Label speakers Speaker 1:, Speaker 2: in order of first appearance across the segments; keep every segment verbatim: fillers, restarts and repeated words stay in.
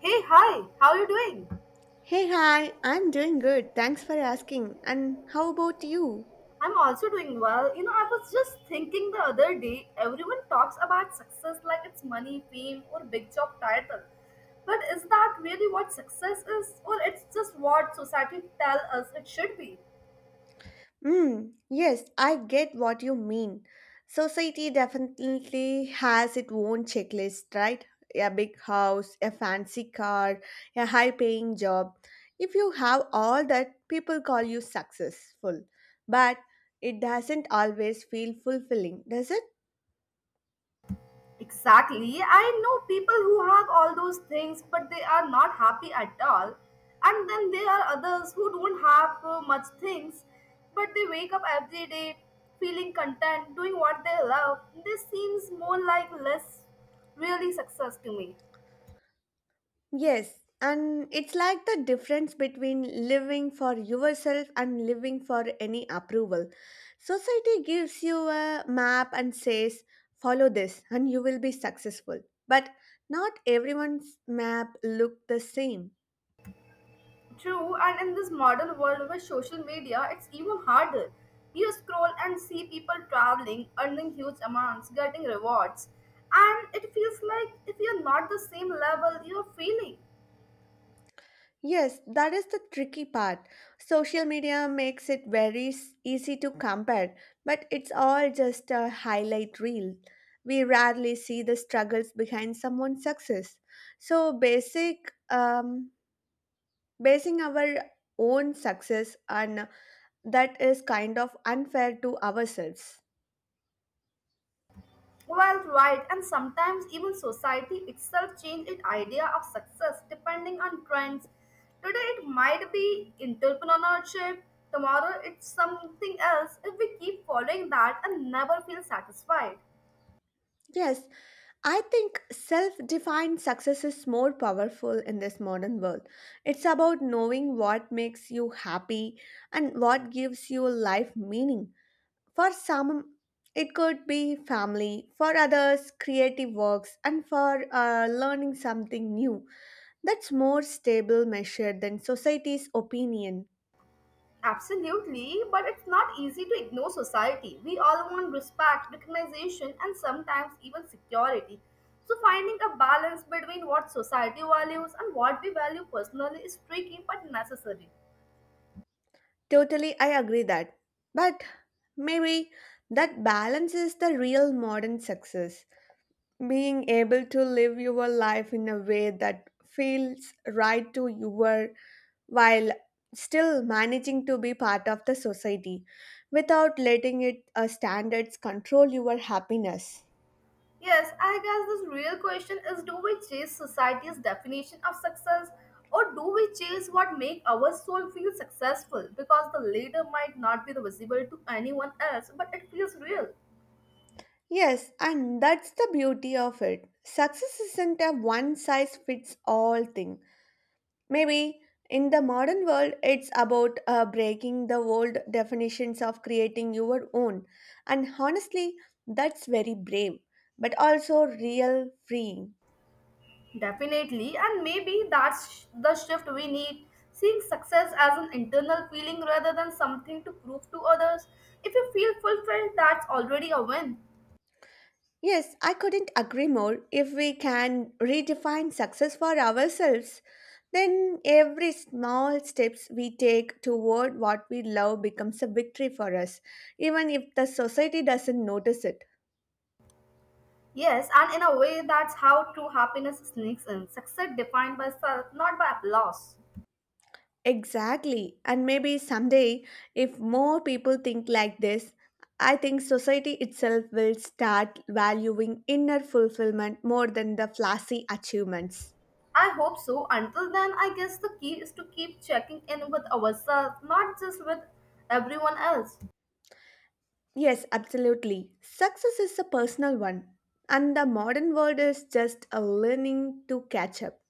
Speaker 1: Hey, hi, how are you doing?
Speaker 2: Hey, hi, I'm doing good. Thanks for asking. And how about you?
Speaker 1: I'm also doing well. You know, I was just thinking the other day, everyone talks about success like it's money, fame, or big job title. But is that really what success is? Or it's just what society tell us it should be?
Speaker 2: Mm, yes, I get what you mean. Society definitely has its own checklist, right? A big house, a fancy car, a high paying job. If you have all that, people call you successful. But it doesn't always feel fulfilling, does it?
Speaker 1: Exactly. I know people who have all those things, but they are not happy at all. And then there are others who don't have uh, much things, but they wake up every day feeling content, doing what they love. This seems more like less really success to me.
Speaker 2: Yes, and it's like the difference between living for yourself and living for any approval. Society gives you a map and says, follow this and you will be successful. But not everyone's map look the same.
Speaker 1: True, and in this modern world with social media, it's even harder. You scroll and see people traveling, earning huge amounts, getting rewards, and it feels like if you're not the same level, you're failing.
Speaker 2: Yes, that is the tricky part. Social media makes it very s- easy to compare, but it's all just a highlight reel. We rarely see the struggles behind someone's success. So basic um basing our own success on that is kind of unfair to ourselves.
Speaker 1: Well, right, and sometimes even society itself change its idea of success depending on trends. Today it might be entrepreneurship, tomorrow it's something else if we keep following that and never feel satisfied.
Speaker 2: Yes, I think self defined success is more powerful in this modern world. It's about knowing what makes you happy and what gives your life meaning. For some, it could be family, for others, creative works, and for uh, learning something new. That's more stable measure than society's opinion.
Speaker 1: Absolutely, but it's not easy to ignore society. We all want respect, recognition, and sometimes even security. So, finding a balance between what society values and what we value personally is tricky but necessary.
Speaker 2: Totally, I agree that. But maybe that balance is the real modern success, being able to live your life in a way that feels right to your, while still managing to be part of the society without letting it uh, standards control your happiness.
Speaker 1: Yes, I guess this real question is, do we chase society's definition of success, or do we chase what make our soul feel successful, because the latter might not be visible to anyone else but it feels real.
Speaker 2: Yes, and that's the beauty of it. Success isn't a one size fits all thing. Maybe in the modern world, it's about uh, breaking the old definitions of creating your own. And honestly, that's very brave, but also real freeing.
Speaker 1: Definitely, and maybe that's the shift we need. Seeing success as an internal feeling rather than something to prove to others. If you feel fulfilled, that's already a win.
Speaker 2: Yes, I couldn't agree more. If we can redefine success for ourselves, then every small steps we take toward what we love becomes a victory for us, even if the society doesn't notice it.
Speaker 1: Yes, and in a way, that's how true happiness sneaks in. Success defined by self, not by applause.
Speaker 2: Exactly. And maybe someday, if more people think like this, I think society itself will start valuing inner fulfillment more than the flashy achievements.
Speaker 1: I hope so. Until then, I guess the key is to keep checking in with ourselves, not just with everyone else.
Speaker 2: Yes, absolutely. Success is a personal one, and the modern world is just a learning to catch up.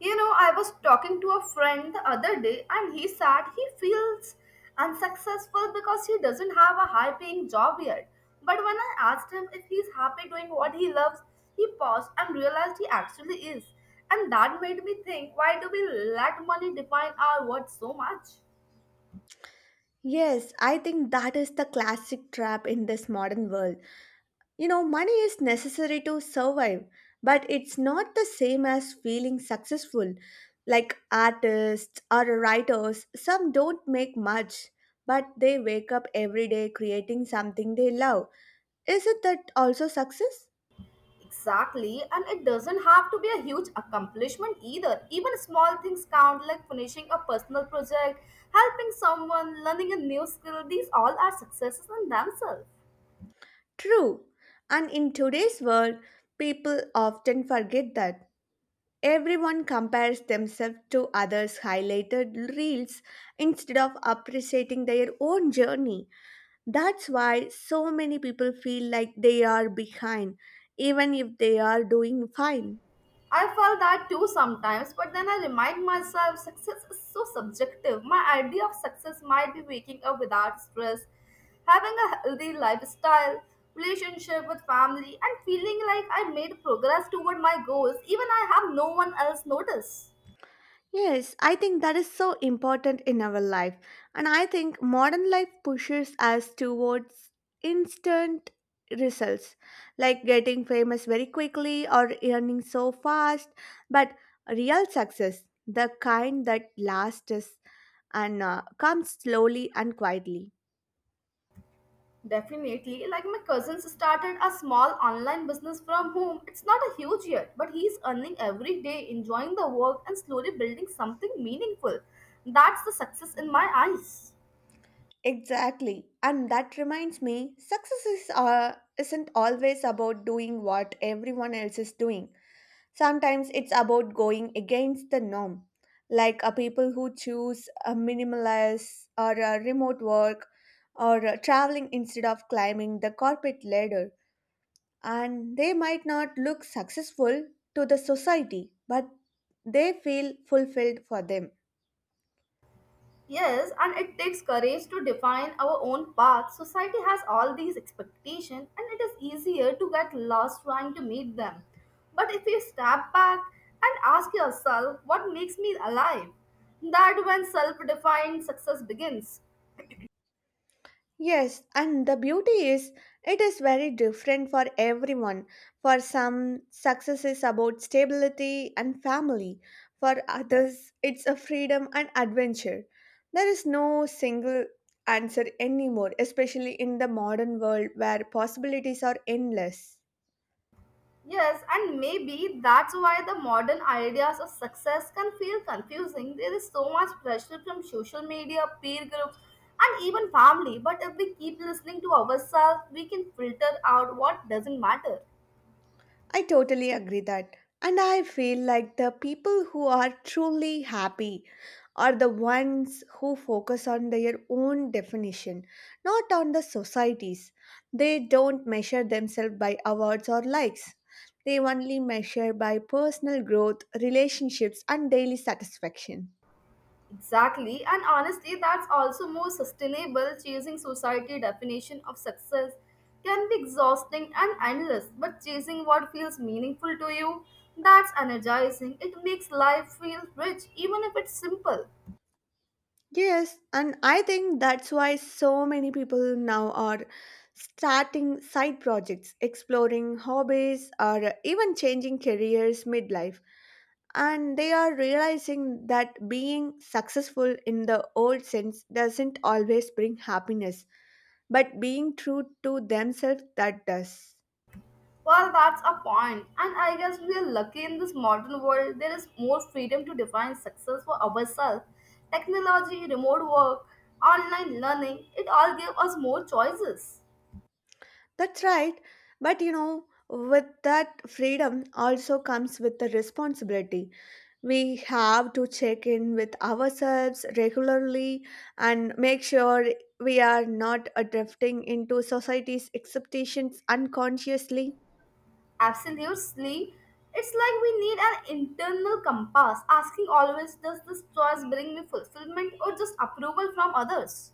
Speaker 1: You know, I was talking to a friend the other day and he said he feels unsuccessful because he doesn't have a high paying job yet. But when I asked him if he's happy doing what he loves, he paused and realized he actually is. And that made me think, why do we let money define our worth so much?
Speaker 2: Yes, I think that is the classic trap in this modern world. You know, money is necessary to survive, but it's not the same as feeling successful. Like artists or writers, some don't make much, but they wake up every day creating something they love. Isn't that also success?
Speaker 1: Exactly, and it doesn't have to be a huge accomplishment either. Even small things count, like finishing a personal project, helping someone, learning a new skill. These all are successes in themselves.
Speaker 2: True. And in today's world, people often forget that. Everyone compares themselves to others' highlighted reels instead of appreciating their own journey. That's why so many people feel like they are behind, even if they are doing fine.
Speaker 1: I felt that too sometimes, but then I remind myself success is so subjective. My idea of success might be waking up without stress, having a healthy lifestyle, relationship with family, and feeling like I made progress toward my goals, even I have no one else notice.
Speaker 2: Yes, I think that is so important in our life. And I think modern life pushes us towards instant results, like getting famous very quickly or earning so fast. But real success, the kind that lasts us and uh, comes slowly and quietly.
Speaker 1: Definitely. Like my cousin started a small online business from home. It's not a huge yet, but he's earning every day, enjoying the work, and slowly building something meaningful. That's the success in my eyes.
Speaker 2: Exactly. And that reminds me, success is, uh, isn't always about doing what everyone else is doing. Sometimes it's about going against the norm. Like uh, people who choose a minimalist or a remote work or uh, traveling instead of climbing the corporate ladder. And they might not look successful to the society, but they feel fulfilled for them.
Speaker 1: Yes, and it takes courage to define our own path. Society has all these expectations, and it is easier to get lost trying to meet them. But if you step back and ask yourself, what makes me alive? That when self defined success begins.
Speaker 2: Yes, and the beauty is it is very different for everyone. For some, success is about stability and family. For others, it's a freedom and adventure. There is no single answer anymore, especially in the modern world where possibilities are endless.
Speaker 1: Yes, and maybe that's why the modern ideas of success can feel confusing. There is so much pressure from social media, peer groups, and even family. But if we keep listening to ourselves, we can filter out what doesn't matter.
Speaker 2: I totally agree that. And I feel like the people who are truly happy are the ones who focus on their own definition, not on the society's. They don't measure themselves by awards or likes. They only measure by personal growth, relationships, and daily satisfaction.
Speaker 1: Exactly, and honestly, that's also more sustainable. Chasing society definition of success can be exhausting and endless, but chasing what feels meaningful to you, that's energizing. It makes life feel rich, even if it's simple.
Speaker 2: Yes, and I think that's why so many people now are starting side projects, exploring hobbies, or even changing careers midlife. And they are realizing that being successful in the old sense doesn't always bring happiness, but being true to themselves that does.
Speaker 1: Well, that's a point, and I guess we are lucky in this modern world. There is more freedom to define success for ourselves. Technology, remote work, online learning, it all gives us more choices.
Speaker 2: That's right. But you know, with that freedom also comes with the responsibility. We have to check in with ourselves regularly and make sure we are not uh, drifting into society's expectations unconsciously.
Speaker 1: Absolutely, it's like we need an internal compass asking always, does this choice bring me fulfillment or just approval from others?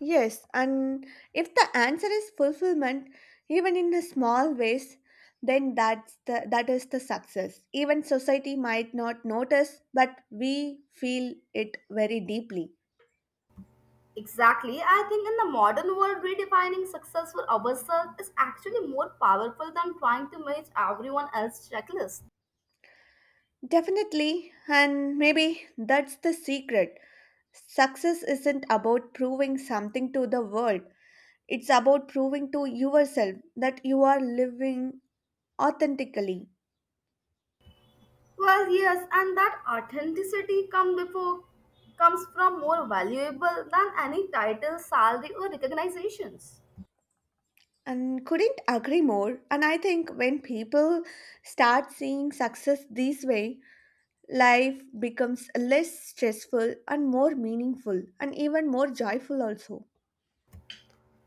Speaker 2: Yes, and if the answer is fulfillment, even in the small ways, then that's the that is the success. Even society might not notice, but we feel it very deeply.
Speaker 1: Exactly, I think in the modern world, redefining success for ourselves is actually more powerful than trying to match everyone else's checklist.
Speaker 2: Definitely, and maybe that's the secret. Success isn't about proving something to the world, it's about proving to yourself that you are living authentically.
Speaker 1: Well, yes, and that authenticity come before comes from more valuable than any title, salary, or recognitions.
Speaker 2: And couldn't agree more. And I think when people start seeing success this way, life becomes less stressful and more meaningful and even more joyful, also.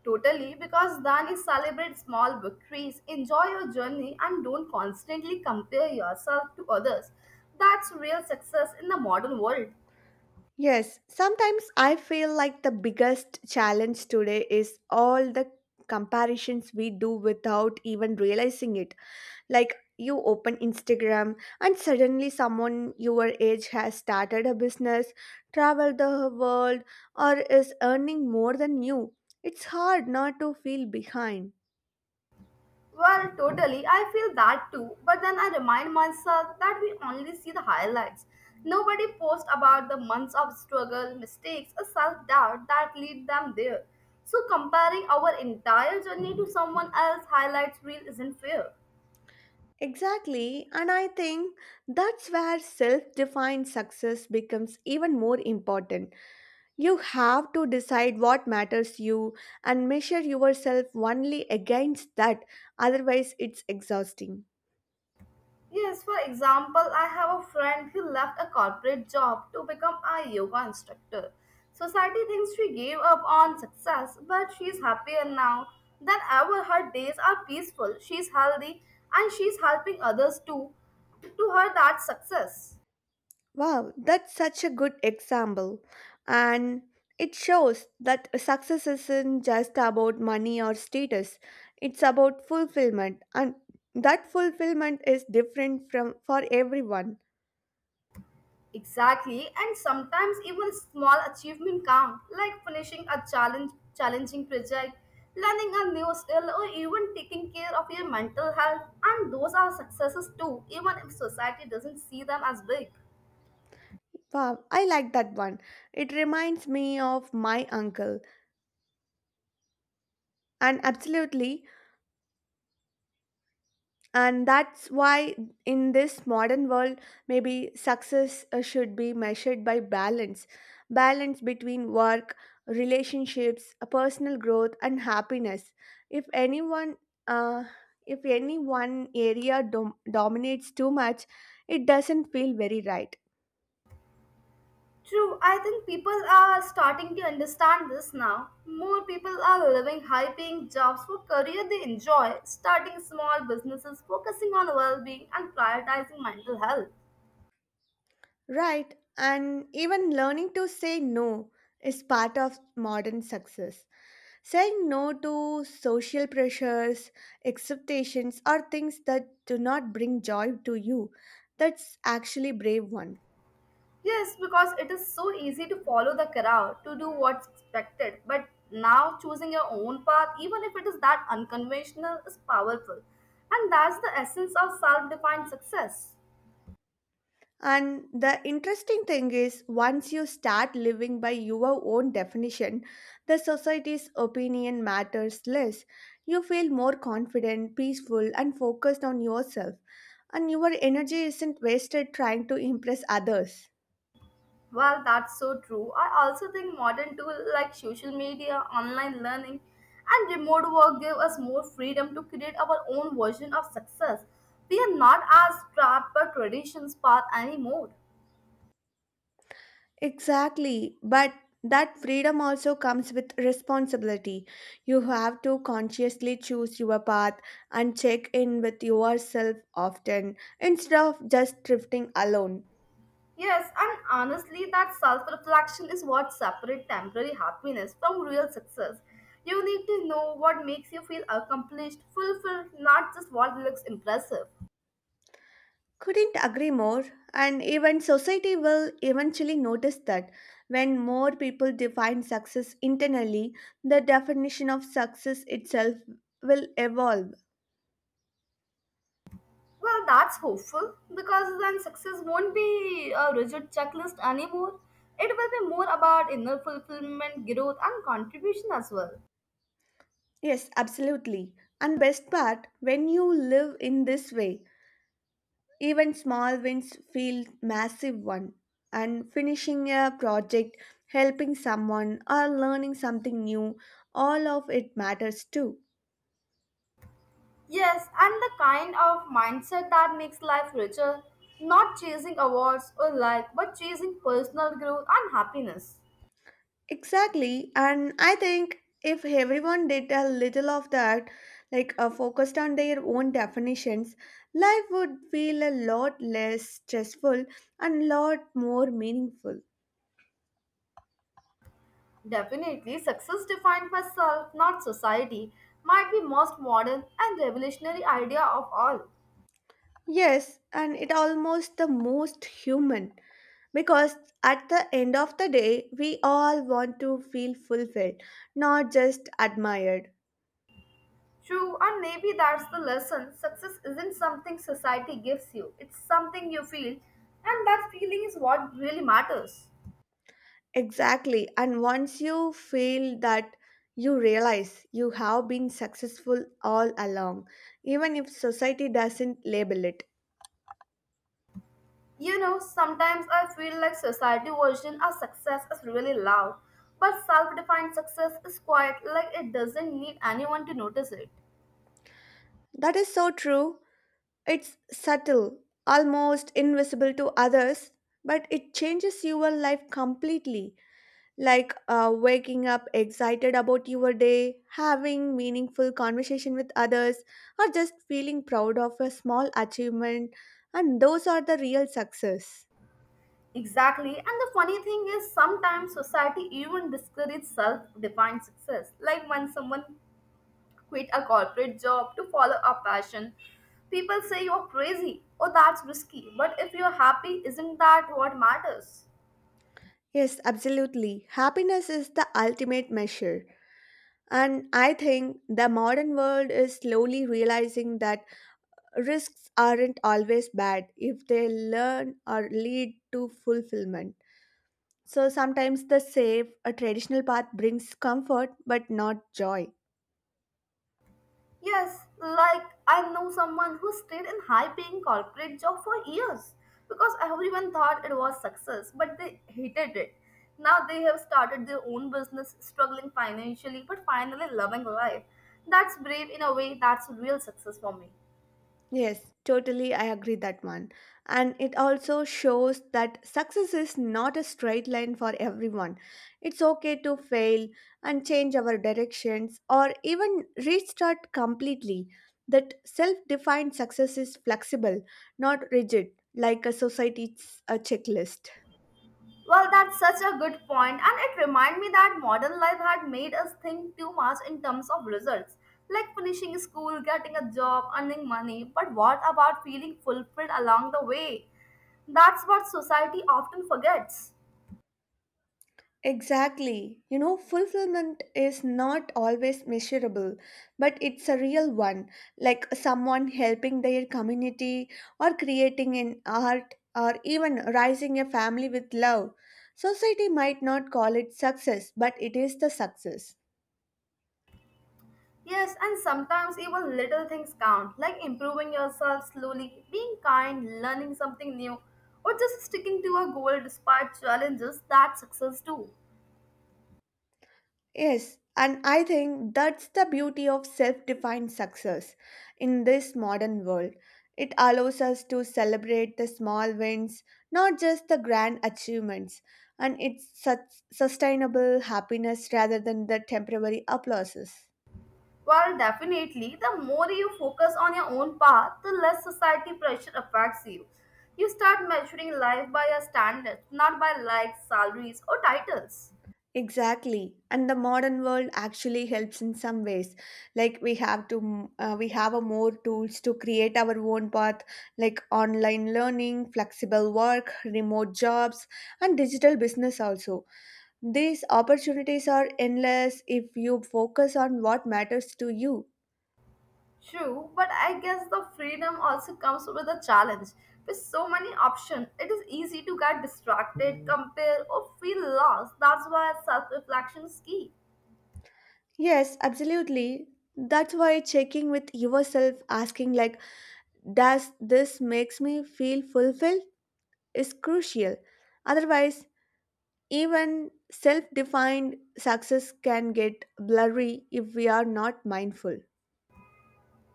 Speaker 1: Totally, because then you celebrate small victories, enjoy your journey, and don't constantly compare yourself to others. That's real success in the modern world.
Speaker 2: Yes, sometimes I feel like the biggest challenge today is all the comparisons we do without even realizing it. Like you open Instagram and suddenly someone your age has started a business, traveled the world, or is earning more than you. It's hard not to feel behind.
Speaker 1: Well, totally. I feel that too. But then I remind myself that we only see the highlights. Nobody posts about the months of struggle, mistakes, or self doubt that lead them there. So comparing our entire journey to someone else's highlights reel isn't fair.
Speaker 2: Exactly, and I think that's where self defined success becomes even more important. You have to decide what matters you and measure yourself only against that, otherwise, it's exhausting.
Speaker 1: Yes, for example, I have a friend who left a corporate job to become a yoga instructor. Society thinks she gave up on success, but she's happier now than ever. Her days are peaceful, she's healthy, and she's helping others too. To her, that's success.
Speaker 2: Wow, that's such a good example. And it shows that success isn't just about money or status, it's about fulfillment. And that fulfillment is different from for everyone.
Speaker 1: Exactly, and sometimes even small achievement count, like finishing a challenge, challenging project, learning a new skill, or even taking care of your mental health. And those are successes too, even if society doesn't see them as big.
Speaker 2: Wow, I like that one. It reminds me of my uncle. And absolutely, and that's why in this modern world maybe success uh, should be measured by balance, balance between work, relationships, uh, personal growth and happiness. If anyone, uh, if any one area dom- dominates too much, it doesn't feel very right.
Speaker 1: True, I think people are starting to understand this now. More people are living high-paying jobs for career they enjoy, starting small businesses, focusing on well-being, and prioritizing mental health.
Speaker 2: Right, and even learning to say no is part of modern success. Saying no to social pressures, expectations, or things that do not bring joy to you, that's actually brave one.
Speaker 1: Yes, because it is so easy to follow the crowd, to do what's expected. But now choosing your own path, even if it is that unconventional, is powerful. And that's the essence of self defined success.
Speaker 2: And the interesting thing is, once you start living by your own definition, the society's opinion matters less. You feel more confident, peaceful, and focused on yourself, and your energy isn't wasted trying to impress others.
Speaker 1: Well, that's so true. I also think modern tools like social media, online learning, and remote work give us more freedom to create our own version of success. We are not as trapped by traditions path anymore.
Speaker 2: Exactly, but that freedom also comes with responsibility. You have to consciously choose your path and check in with yourself often instead of just drifting alone.
Speaker 1: Yes, and honestly, that self reflection is what separates temporary happiness from real success. You need to know what makes you feel accomplished, fulfilled, not just what looks impressive.
Speaker 2: Couldn't agree more, and even society will eventually notice that when more people define success internally, the definition of success itself will evolve.
Speaker 1: Well, that's hopeful because then success won't be a rigid checklist anymore. It will be more about inner fulfillment, growth, and contribution as well.
Speaker 2: Yes, absolutely. And best part, when you live in this way, even small wins feel massive one. And finishing a project, helping someone or learning something new, all of it matters too.
Speaker 1: Yes, and the kind of mindset that makes life richer, not chasing awards or like, but chasing personal growth and happiness.
Speaker 2: Exactly. And I think if everyone did a little of that, like uh, focused on their own definitions, life would feel a lot less stressful and lot more meaningful.
Speaker 1: Definitely, success defined by self, not society, might be most modern and revolutionary idea of all.
Speaker 2: Yes, and it almost the most human because at the end of the day we all want to feel fulfilled, not just admired.
Speaker 1: True, and maybe that's the lesson. Success isn't something society gives you, it's something you feel, and that feeling is what really matters.
Speaker 2: Exactly, and once you feel that you realize you have been successful all along, even if society doesn't label it.
Speaker 1: You know, sometimes I feel like society version of success is really loud, but self-defined success is quiet, like it doesn't need anyone to notice it.
Speaker 2: That is so true. It's subtle, almost invisible to others, but it changes your life completely like uh, waking up excited about your day, having meaningful conversation with others, or just feeling proud of a small achievement. And those are the real success.
Speaker 1: Exactly. And the funny thing is, sometimes society even discourages self defined success. Like when someone quit a corporate job to follow a passion, people say you're crazy or that's risky. But if you're happy, isn't that what matters?
Speaker 2: Yes, absolutely. Happiness is the ultimate measure. And I think the modern world is slowly realizing that risks aren't always bad if they learn or lead to fulfillment. So sometimes the safe, a traditional path brings comfort but not joy.
Speaker 1: Yes, like I know someone who stayed in high paying corporate job for years because everyone thought it was success, but they hated it. Now they have started their own business, struggling financially, but finally loving life. That's brave in a way, that's real success for me.
Speaker 2: Yes, totally. I agree that one. And it also shows that success is not a straight line for everyone. It's okay to fail and change our directions or even restart completely. That self defined success is flexible, not rigid, like a society's a checklist.
Speaker 1: Well, that's such a good point, and it reminded me that modern life had made us think too much in terms of results, like finishing school, getting a job, earning money. But what about feeling fulfilled along the way? That's what society often forgets.
Speaker 2: Exactly. You know, fulfillment is not always measurable, but it's a real one, like someone helping their community or creating an art or even raising a family with love. Society might not call it success, but it is the success.
Speaker 1: Yes, and sometimes even little things count, like improving yourself slowly, being kind, learning something new, or just sticking to a goal despite challenges. That's success too.
Speaker 2: Yes, and I think that's the beauty of self defined success in this modern world. It allows us to celebrate the small wins, not just the grand achievements, and it's such sustainable happiness rather than the temporary applauses.
Speaker 1: Well, definitely, the more you focus on your own path, the less society pressure affects you. You start measuring life by your standards, not by likes, salaries, or titles.
Speaker 2: Exactly. And the modern world actually helps in some ways. Like we have to m- uh, we have a more tools to create our own path, like online learning, flexible work, remote jobs and digital business also. These opportunities are endless if you focus on what matters to you.
Speaker 1: True, but I guess the freedom also comes with a challenge. With so many options, it is easy to get distracted, compare, or feel lost. That's why self reflection is key.
Speaker 2: Yes, absolutely. That's why checking with yourself asking like does this makes me feel fulfilled is crucial. Otherwise, even self defined success can get blurry if we are not mindful.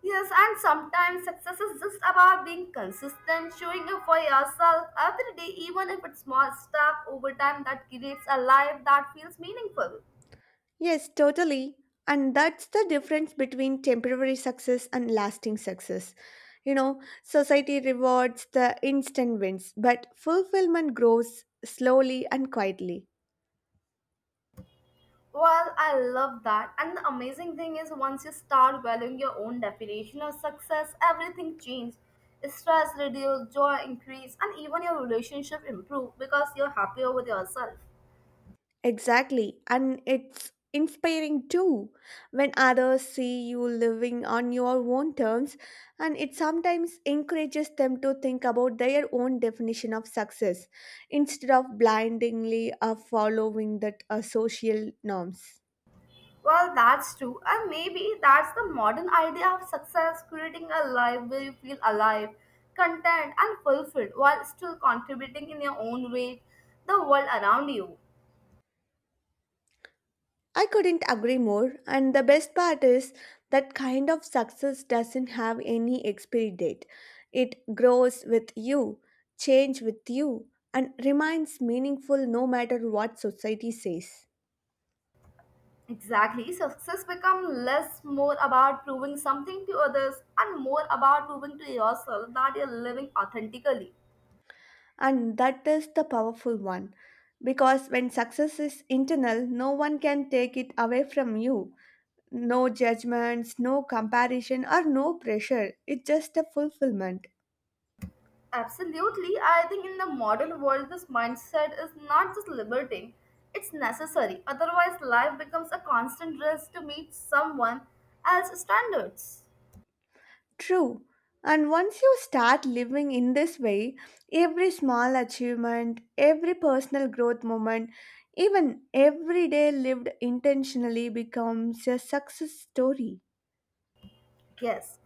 Speaker 1: Yes, and sometimes success is just about being consistent, showing up for yourself every day, even if it's small step over time that creates a life that feels meaningful.
Speaker 2: Yes, totally. And that's the difference between temporary success and lasting success. You know, society rewards the instant wins, but fulfillment grows slowly and quietly.
Speaker 1: Well, I love that. And the amazing thing is, once you start valuing your own definition of success, everything changes. Stress reduces, joy increase, and even your relationship improve because you're happier with yourself.
Speaker 2: Exactly, and it's inspiring too when others see you living on your own terms, and it sometimes encourages them to think about their own definition of success instead of blindly uh, following that uh, social norms.
Speaker 1: Well, that's true, and maybe that's the modern idea of success, creating a life where you feel alive, content, and fulfilled while still contributing in your own way the world around you.
Speaker 2: I couldn't agree more, and the best part is that kind of success doesn't have any expiry date. It grows with you, change with you, and remains meaningful no matter what society says.
Speaker 1: Exactly, success becomes less more about proving something to others and more about proving to yourself that you're living authentically.
Speaker 2: And that is the powerful one. Because when success is internal, no one can take it away from you. No judgments, no comparison, or no pressure. It's just a fulfillment.
Speaker 1: Absolutely. I think in the modern world, this mindset is not just liberating, it's necessary. Otherwise, life becomes a constant race to meet someone else's standards.
Speaker 2: True. And once you start living in this way, every small achievement, every personal growth moment, even every day lived intentionally becomes a success story.
Speaker 1: Yes.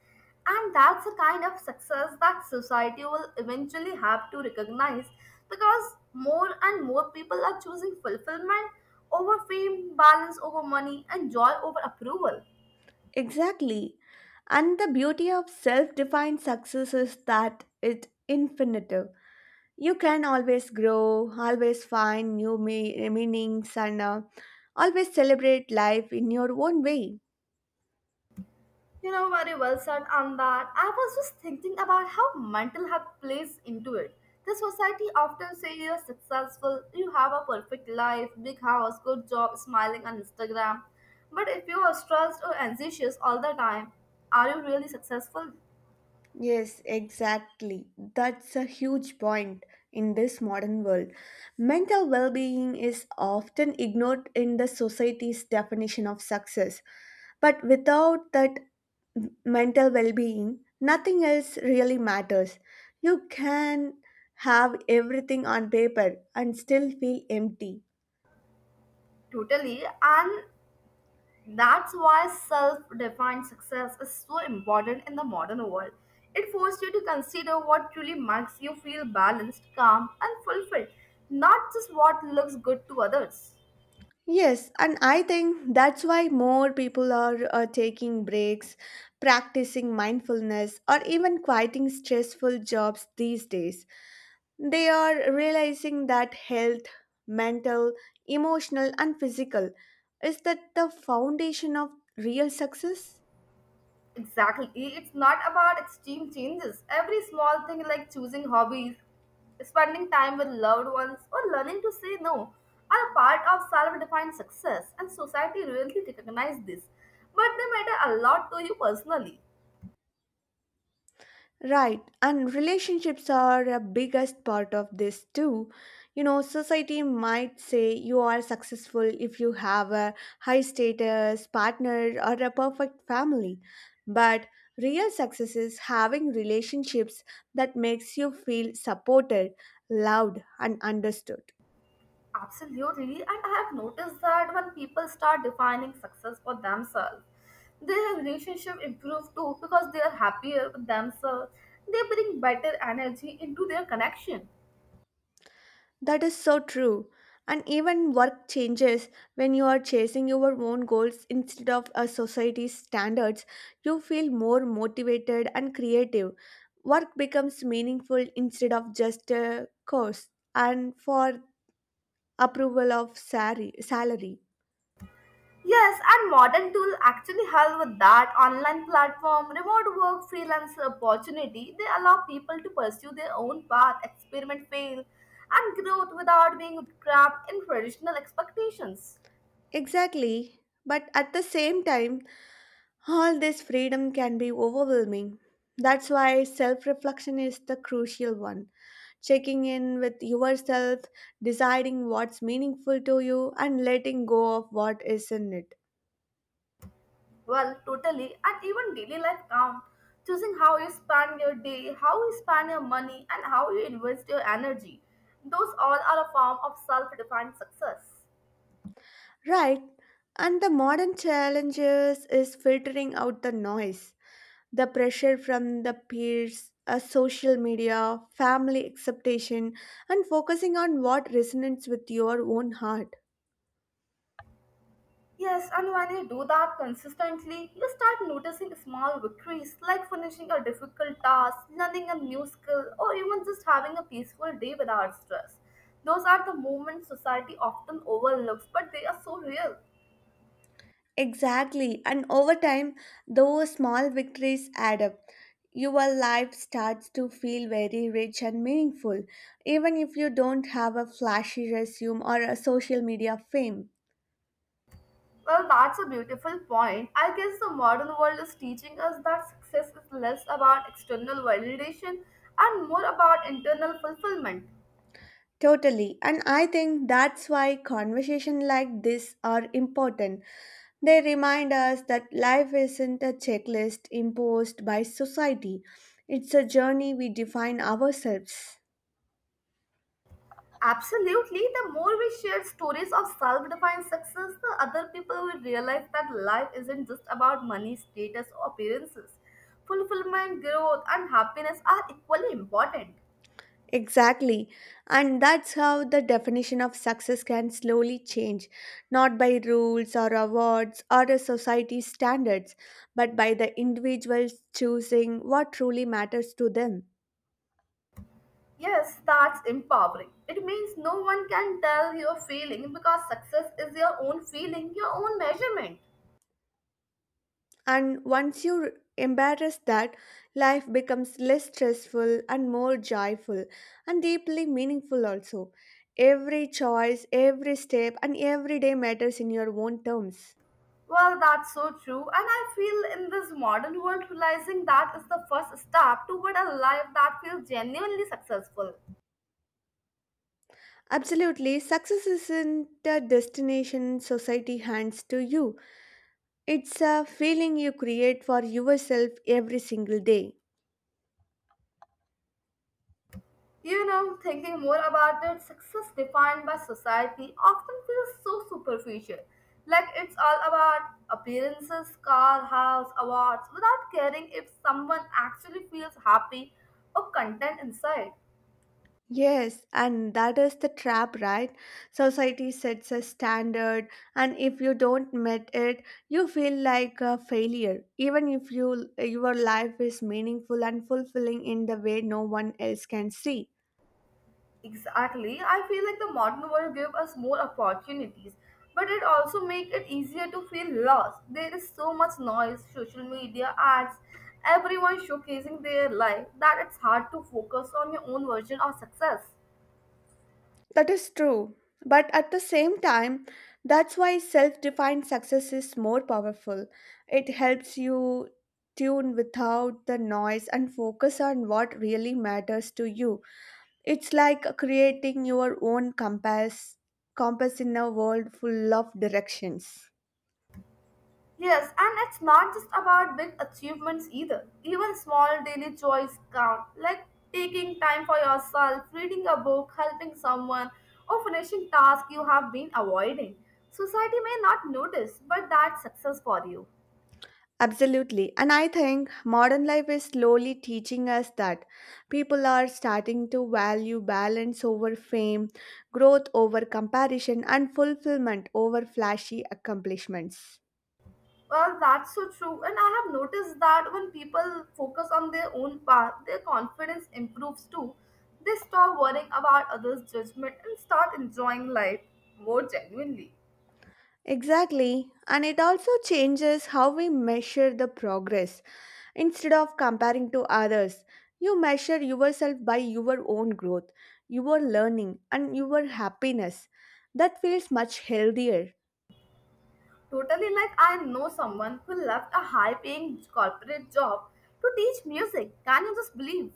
Speaker 1: And that's the kind of success that society will eventually have to recognize because more and more people are choosing fulfillment over fame, balance over money, and joy over approval.
Speaker 2: Exactly. And the beauty of self defined success is that it's infinite. You can always grow, always find new me- meanings, and uh, always celebrate life in your own way.
Speaker 1: You know, very well said on that. I was just thinking about how mental health plays into it. The society often say you're successful, you have a perfect life, big house, good job, smiling on Instagram. But if you are stressed or anxious all the time, are you really successful?
Speaker 2: Yes, exactly. That's a huge point in this modern world. Mental well being is often ignored in the society's definition of success. But without that m- mental well being, nothing else really matters. You can have everything on paper and still feel empty.
Speaker 1: Totally. And That's why self defined success is so important in the modern world. It forces you to consider what truly makes you feel balanced, calm, and fulfilled, not just what looks good to others.
Speaker 2: Yes, and I think that's why more people are uh, taking breaks, practicing mindfulness, or even quieting stressful jobs these days. They are realizing that health, mental, emotional, and physical is that the foundation of real success?
Speaker 1: Exactly. It's not about extreme changes. Every small thing like choosing hobbies, spending time with loved ones, or learning to say no are a part of self defined success, and society really recognizes this. But they matter a lot to you personally.
Speaker 2: Right, and relationships are a biggest part of this too. You know, society might say you are successful if you have a high status partner or a perfect family. But real success is having relationships that makes you feel supported, loved and understood.
Speaker 1: Absolutely, and I have noticed that when people start defining success for themselves, their relationship improve too because they are happier with themselves. They bring better energy into their connection.
Speaker 2: That is so true. And even work changes when you are chasing your own goals instead of a society's standards. You feel more motivated and creative. Work becomes meaningful instead of just a course and for approval of sari- salary.
Speaker 1: Yes, and modern tool actually help with that. Online platform, remote work, freelance opportunity, they allow people to pursue their own path, experiment, fail, and growth without being trapped in traditional expectations.
Speaker 2: Exactly. But at the same time, all this freedom can be overwhelming. That's why self reflection is the crucial one checking in with yourself, deciding what's meaningful to you, and letting go of what isn't it.
Speaker 1: Well, totally, and even daily life count. Choosing how you spend your day, how you spend your money, and how you invest your energy. Those all are a form of self defined success.
Speaker 2: Right. And the modern challenges is filtering out the noise, the pressure from the peers, uh, social media, family expectation, and focusing on what resonates with your own heart.
Speaker 1: Yes, and when you do that consistently, you start noticing small victories like finishing a difficult task, learning a new skill, or even just having a peaceful day without stress. Those are the moments society often overlooks, but they are so real.
Speaker 2: Exactly. And over time, those small victories add up. Your life starts to feel very rich and meaningful, even if you don't have a flashy resume or a social media fame.
Speaker 1: Well, that's a beautiful point. I guess the modern world is teaching us that success is less about external validation and more about internal fulfillment.
Speaker 2: Totally. And I think that's why conversations like this are important. They remind us that life isn't a checklist imposed by society, it's a journey we define ourselves.
Speaker 1: Absolutely, the more we share stories of self defined success, the other people will realize that life isn't just about money, status, or appearances. Fulfillment, growth, and happiness are equally important.
Speaker 2: Exactly. And that's how the definition of success can slowly change, not by rules or awards or a society's standards, but by the individuals choosing what truly matters to them.
Speaker 1: Yes, that's empowering. It means no one can tell you're failing because success is your own feeling, your own measurement.
Speaker 2: And once you embrace that, life becomes less stressful and more joyful and deeply meaningful also. Every choice, every step, and every day matters in your own terms.
Speaker 1: Well, that's so true. And I feel in this modern world, realizing that is the first step toward a life that feels genuinely successful.
Speaker 2: Absolutely. Success isn't a destination society hands to you. It's a feeling you create for yourself every single day.
Speaker 1: You know, thinking more about it, success defined by society often feels so superficial. Like it's all about appearances, car, house, awards, without caring if someone actually feels happy or content inside.
Speaker 2: Yes, and that is the trap, right? Society sets a standard, and if you don't meet it, you feel like a failure, even if you, your life is meaningful and fulfilling in the way no one else can see.
Speaker 1: Exactly. I feel like the modern world gives us more opportunities, but it also makes it easier to feel lost. There is so much noise, social media, ads, everyone showcasing their life that it's hard to focus on your own version of success.
Speaker 2: That is true. But at the same time, that's why self defined success is more powerful. It helps you tune without the noise and focus on what really matters to you. It's like creating your own compass, compass in a world full of directions.
Speaker 1: Yes, and it's not just about big achievements either. Even small daily joys count, like taking time for yourself, reading a book, helping someone, or finishing tasks you have been avoiding. Society may not notice, but that's success for you.
Speaker 2: Absolutely. And I think modern life is slowly teaching us that people are starting to value balance over fame, growth over comparison, and fulfillment over flashy accomplishments.
Speaker 1: Well, that's so true, and I have noticed that when people focus on their own path, their confidence improves too. They stop worrying about others' judgment and start enjoying life more genuinely.
Speaker 2: Exactly. And it also changes how we measure the progress. Instead of comparing to others, you measure yourself by your own growth, your learning, and your happiness. That feels much healthier.
Speaker 1: Totally, like I know someone who left a high paying corporate job to teach music. Can you just believe?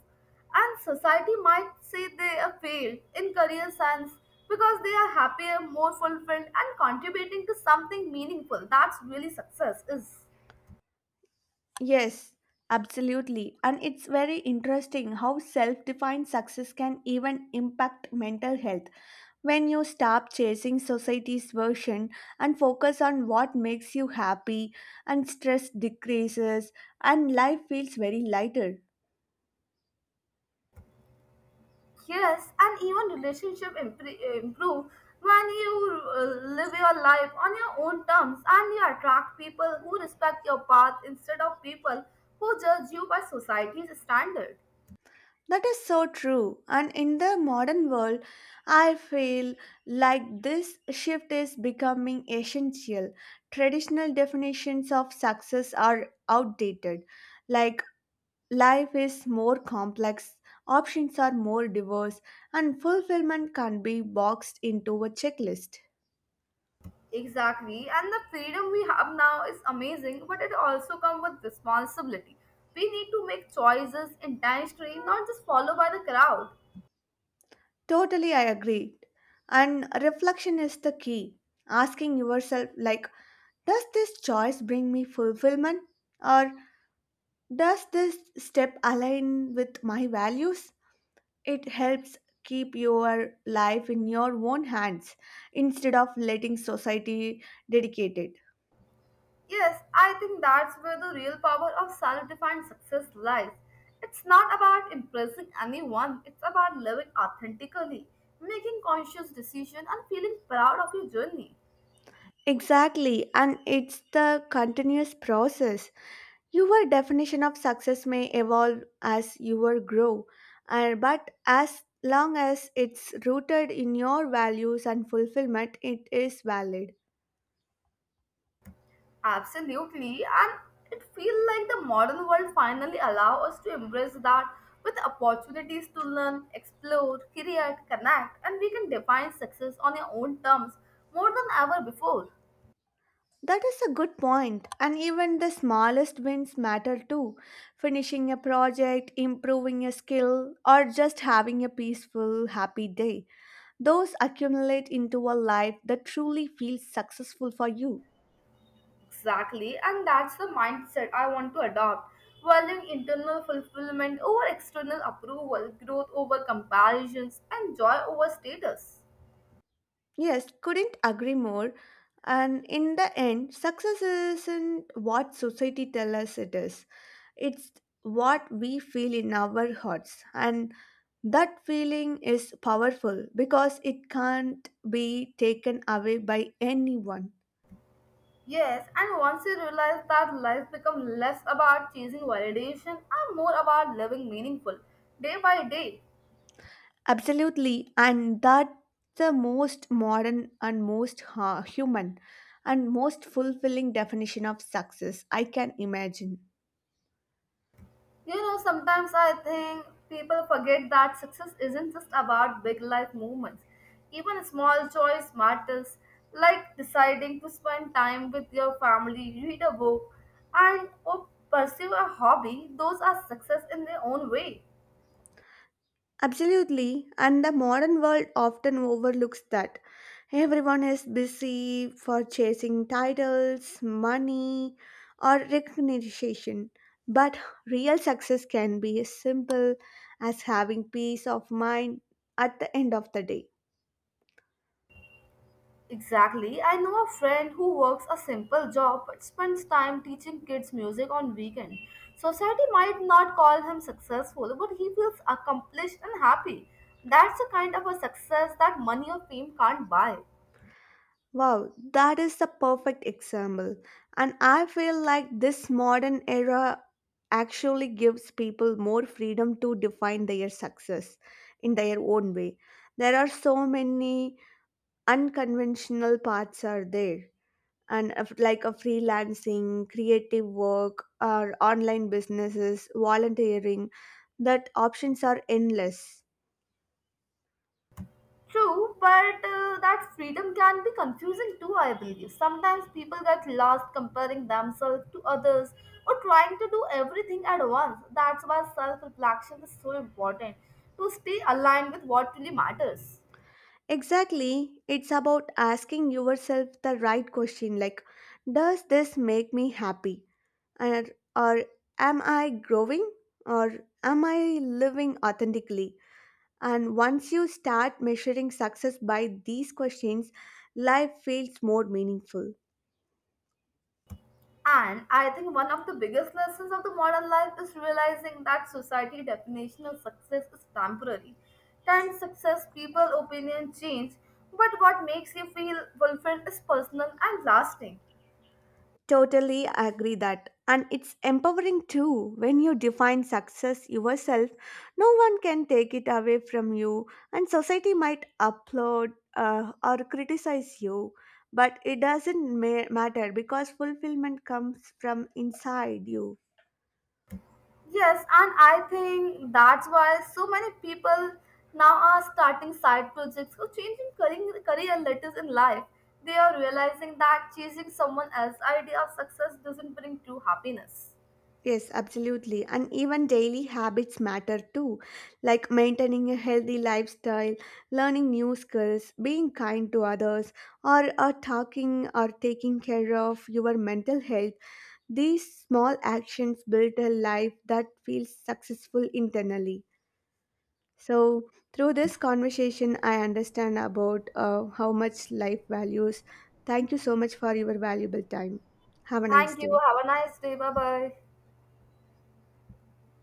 Speaker 1: And society might say they have failed in career sense because they are happier, more fulfilled, and contributing to something meaningful. That's really success is.
Speaker 2: Yes, absolutely. And it's very interesting how self defined success can even impact mental health when you stop chasing society's version and focus on what makes you happy, and stress decreases, and life feels very lighter.
Speaker 1: Yes, and even relationship impre- improve when you uh, live your life on your own terms and you attract people who respect your path instead of people who judge you by society's standard.
Speaker 2: That is so true. And in the modern world, I feel like this shift is becoming essential. Traditional definitions of success are outdated like life is more complex, options are more diverse, and fulfillment can't be boxed into a checklist.
Speaker 1: Exactly. And the freedom we have now is amazing, but it also comes with responsibility. We need to make choices intentionally, not just follow by the crowd.
Speaker 2: Totally, I agree. And reflection is the key. Asking yourself, like, does this choice bring me fulfillment? Or does this step align with my values? It helps keep your life in your own hands instead of letting society dictate it.
Speaker 1: Yes, I think that's where the real power of self defined success lies. It's not about impressing anyone, it's about living authentically, making conscious decisions, and feeling proud of your journey.
Speaker 2: Exactly, and it's the continuous process. Your definition of success may evolve as you grow, and but as long as it's rooted in your values and fulfillment, it is valid.
Speaker 1: Absolutely, and it feels like the modern world finally allow us to embrace that with opportunities to learn, explore, create, connect, and we can define success on our own terms more than ever before.
Speaker 2: That is a good point, and even the smallest wins matter too. Finishing a project, improving a skill, or just having a peaceful, happy day. Those accumulate into a life that truly feels successful for you.
Speaker 1: Exactly, and that's the mindset I want to adopt, valuing internal fulfillment over external approval, growth over comparisons, and joy over status.
Speaker 2: Yes, couldn't agree more. And in the end, success isn't what society tells us it is. It's what we feel in our hearts. And that feeling is powerful because it can't be taken away by anyone.
Speaker 1: Yes, and once you realize that life becomes less about chasing validation and more about living meaningful day by day.
Speaker 2: Absolutely. And that's the most modern and most uh, human and most fulfilling definition of success I can imagine.
Speaker 1: You know, sometimes I think people forget that success isn't just about big life movements. Even small choice matters, like deciding to spend time with your family, read a book, and or pursue a hobby. Those are success in their own way.
Speaker 2: Absolutely, and the modern world often overlooks that. Everyone is busy for chasing titles, money, or recognition. But real success can be as simple as having peace of mind at the end of the day.
Speaker 1: Exactly. I know a friend who works a simple job but spends time teaching kids music on weekend. Society might not call him successful, but he feels accomplished and happy. That's the kind of a success that money or fame can't buy.
Speaker 2: Wow, that is the perfect example. And I feel like this modern era actually gives people more freedom to define their success in their own way. There are so many unconventional paths are there and if- like a freelancing, creative work or online businesses, volunteering that options are endless.
Speaker 1: True, but uh, that freedom can be confusing too, I believe. Sometimes people get lost comparing themselves to others or trying to do everything at once. That's why self reflection is so important to stay aligned with what really matters.
Speaker 2: Exactly. It's about asking yourself the right question like, does this make me happy? And, or am I growing? Or am I living authentically? And once you start measuring success by these questions, life feels more meaningful.
Speaker 1: And I think one of the biggest lessons of the modern life is realizing that society definition of success is temporary. Time, success, people, opinion change, but what makes you feel fulfilled is personal and lasting.
Speaker 2: Totally agree that. And it's empowering too. When you define success yourself, no one can take it away from you, and society might applaud uh, or criticize you. But it doesn't ma- matter because fulfillment comes from inside you.
Speaker 1: Yes, and I think that's why so many people now are starting side projects or changing career, career letters in life. They are realizing that chasing someone else's idea of success doesn't bring true happiness.
Speaker 2: Yes, absolutely. And even daily habits matter too, like maintaining a healthy lifestyle, learning new skills, being kind to others, or, or talking or taking care of your mental health. These small actions build a life that feels successful internally. So, through this conversation, I understand about uh, how much life values. Thank you so much for your valuable time. Have a nice
Speaker 1: Thank you.
Speaker 2: day.
Speaker 1: Have a nice day. Bye bye.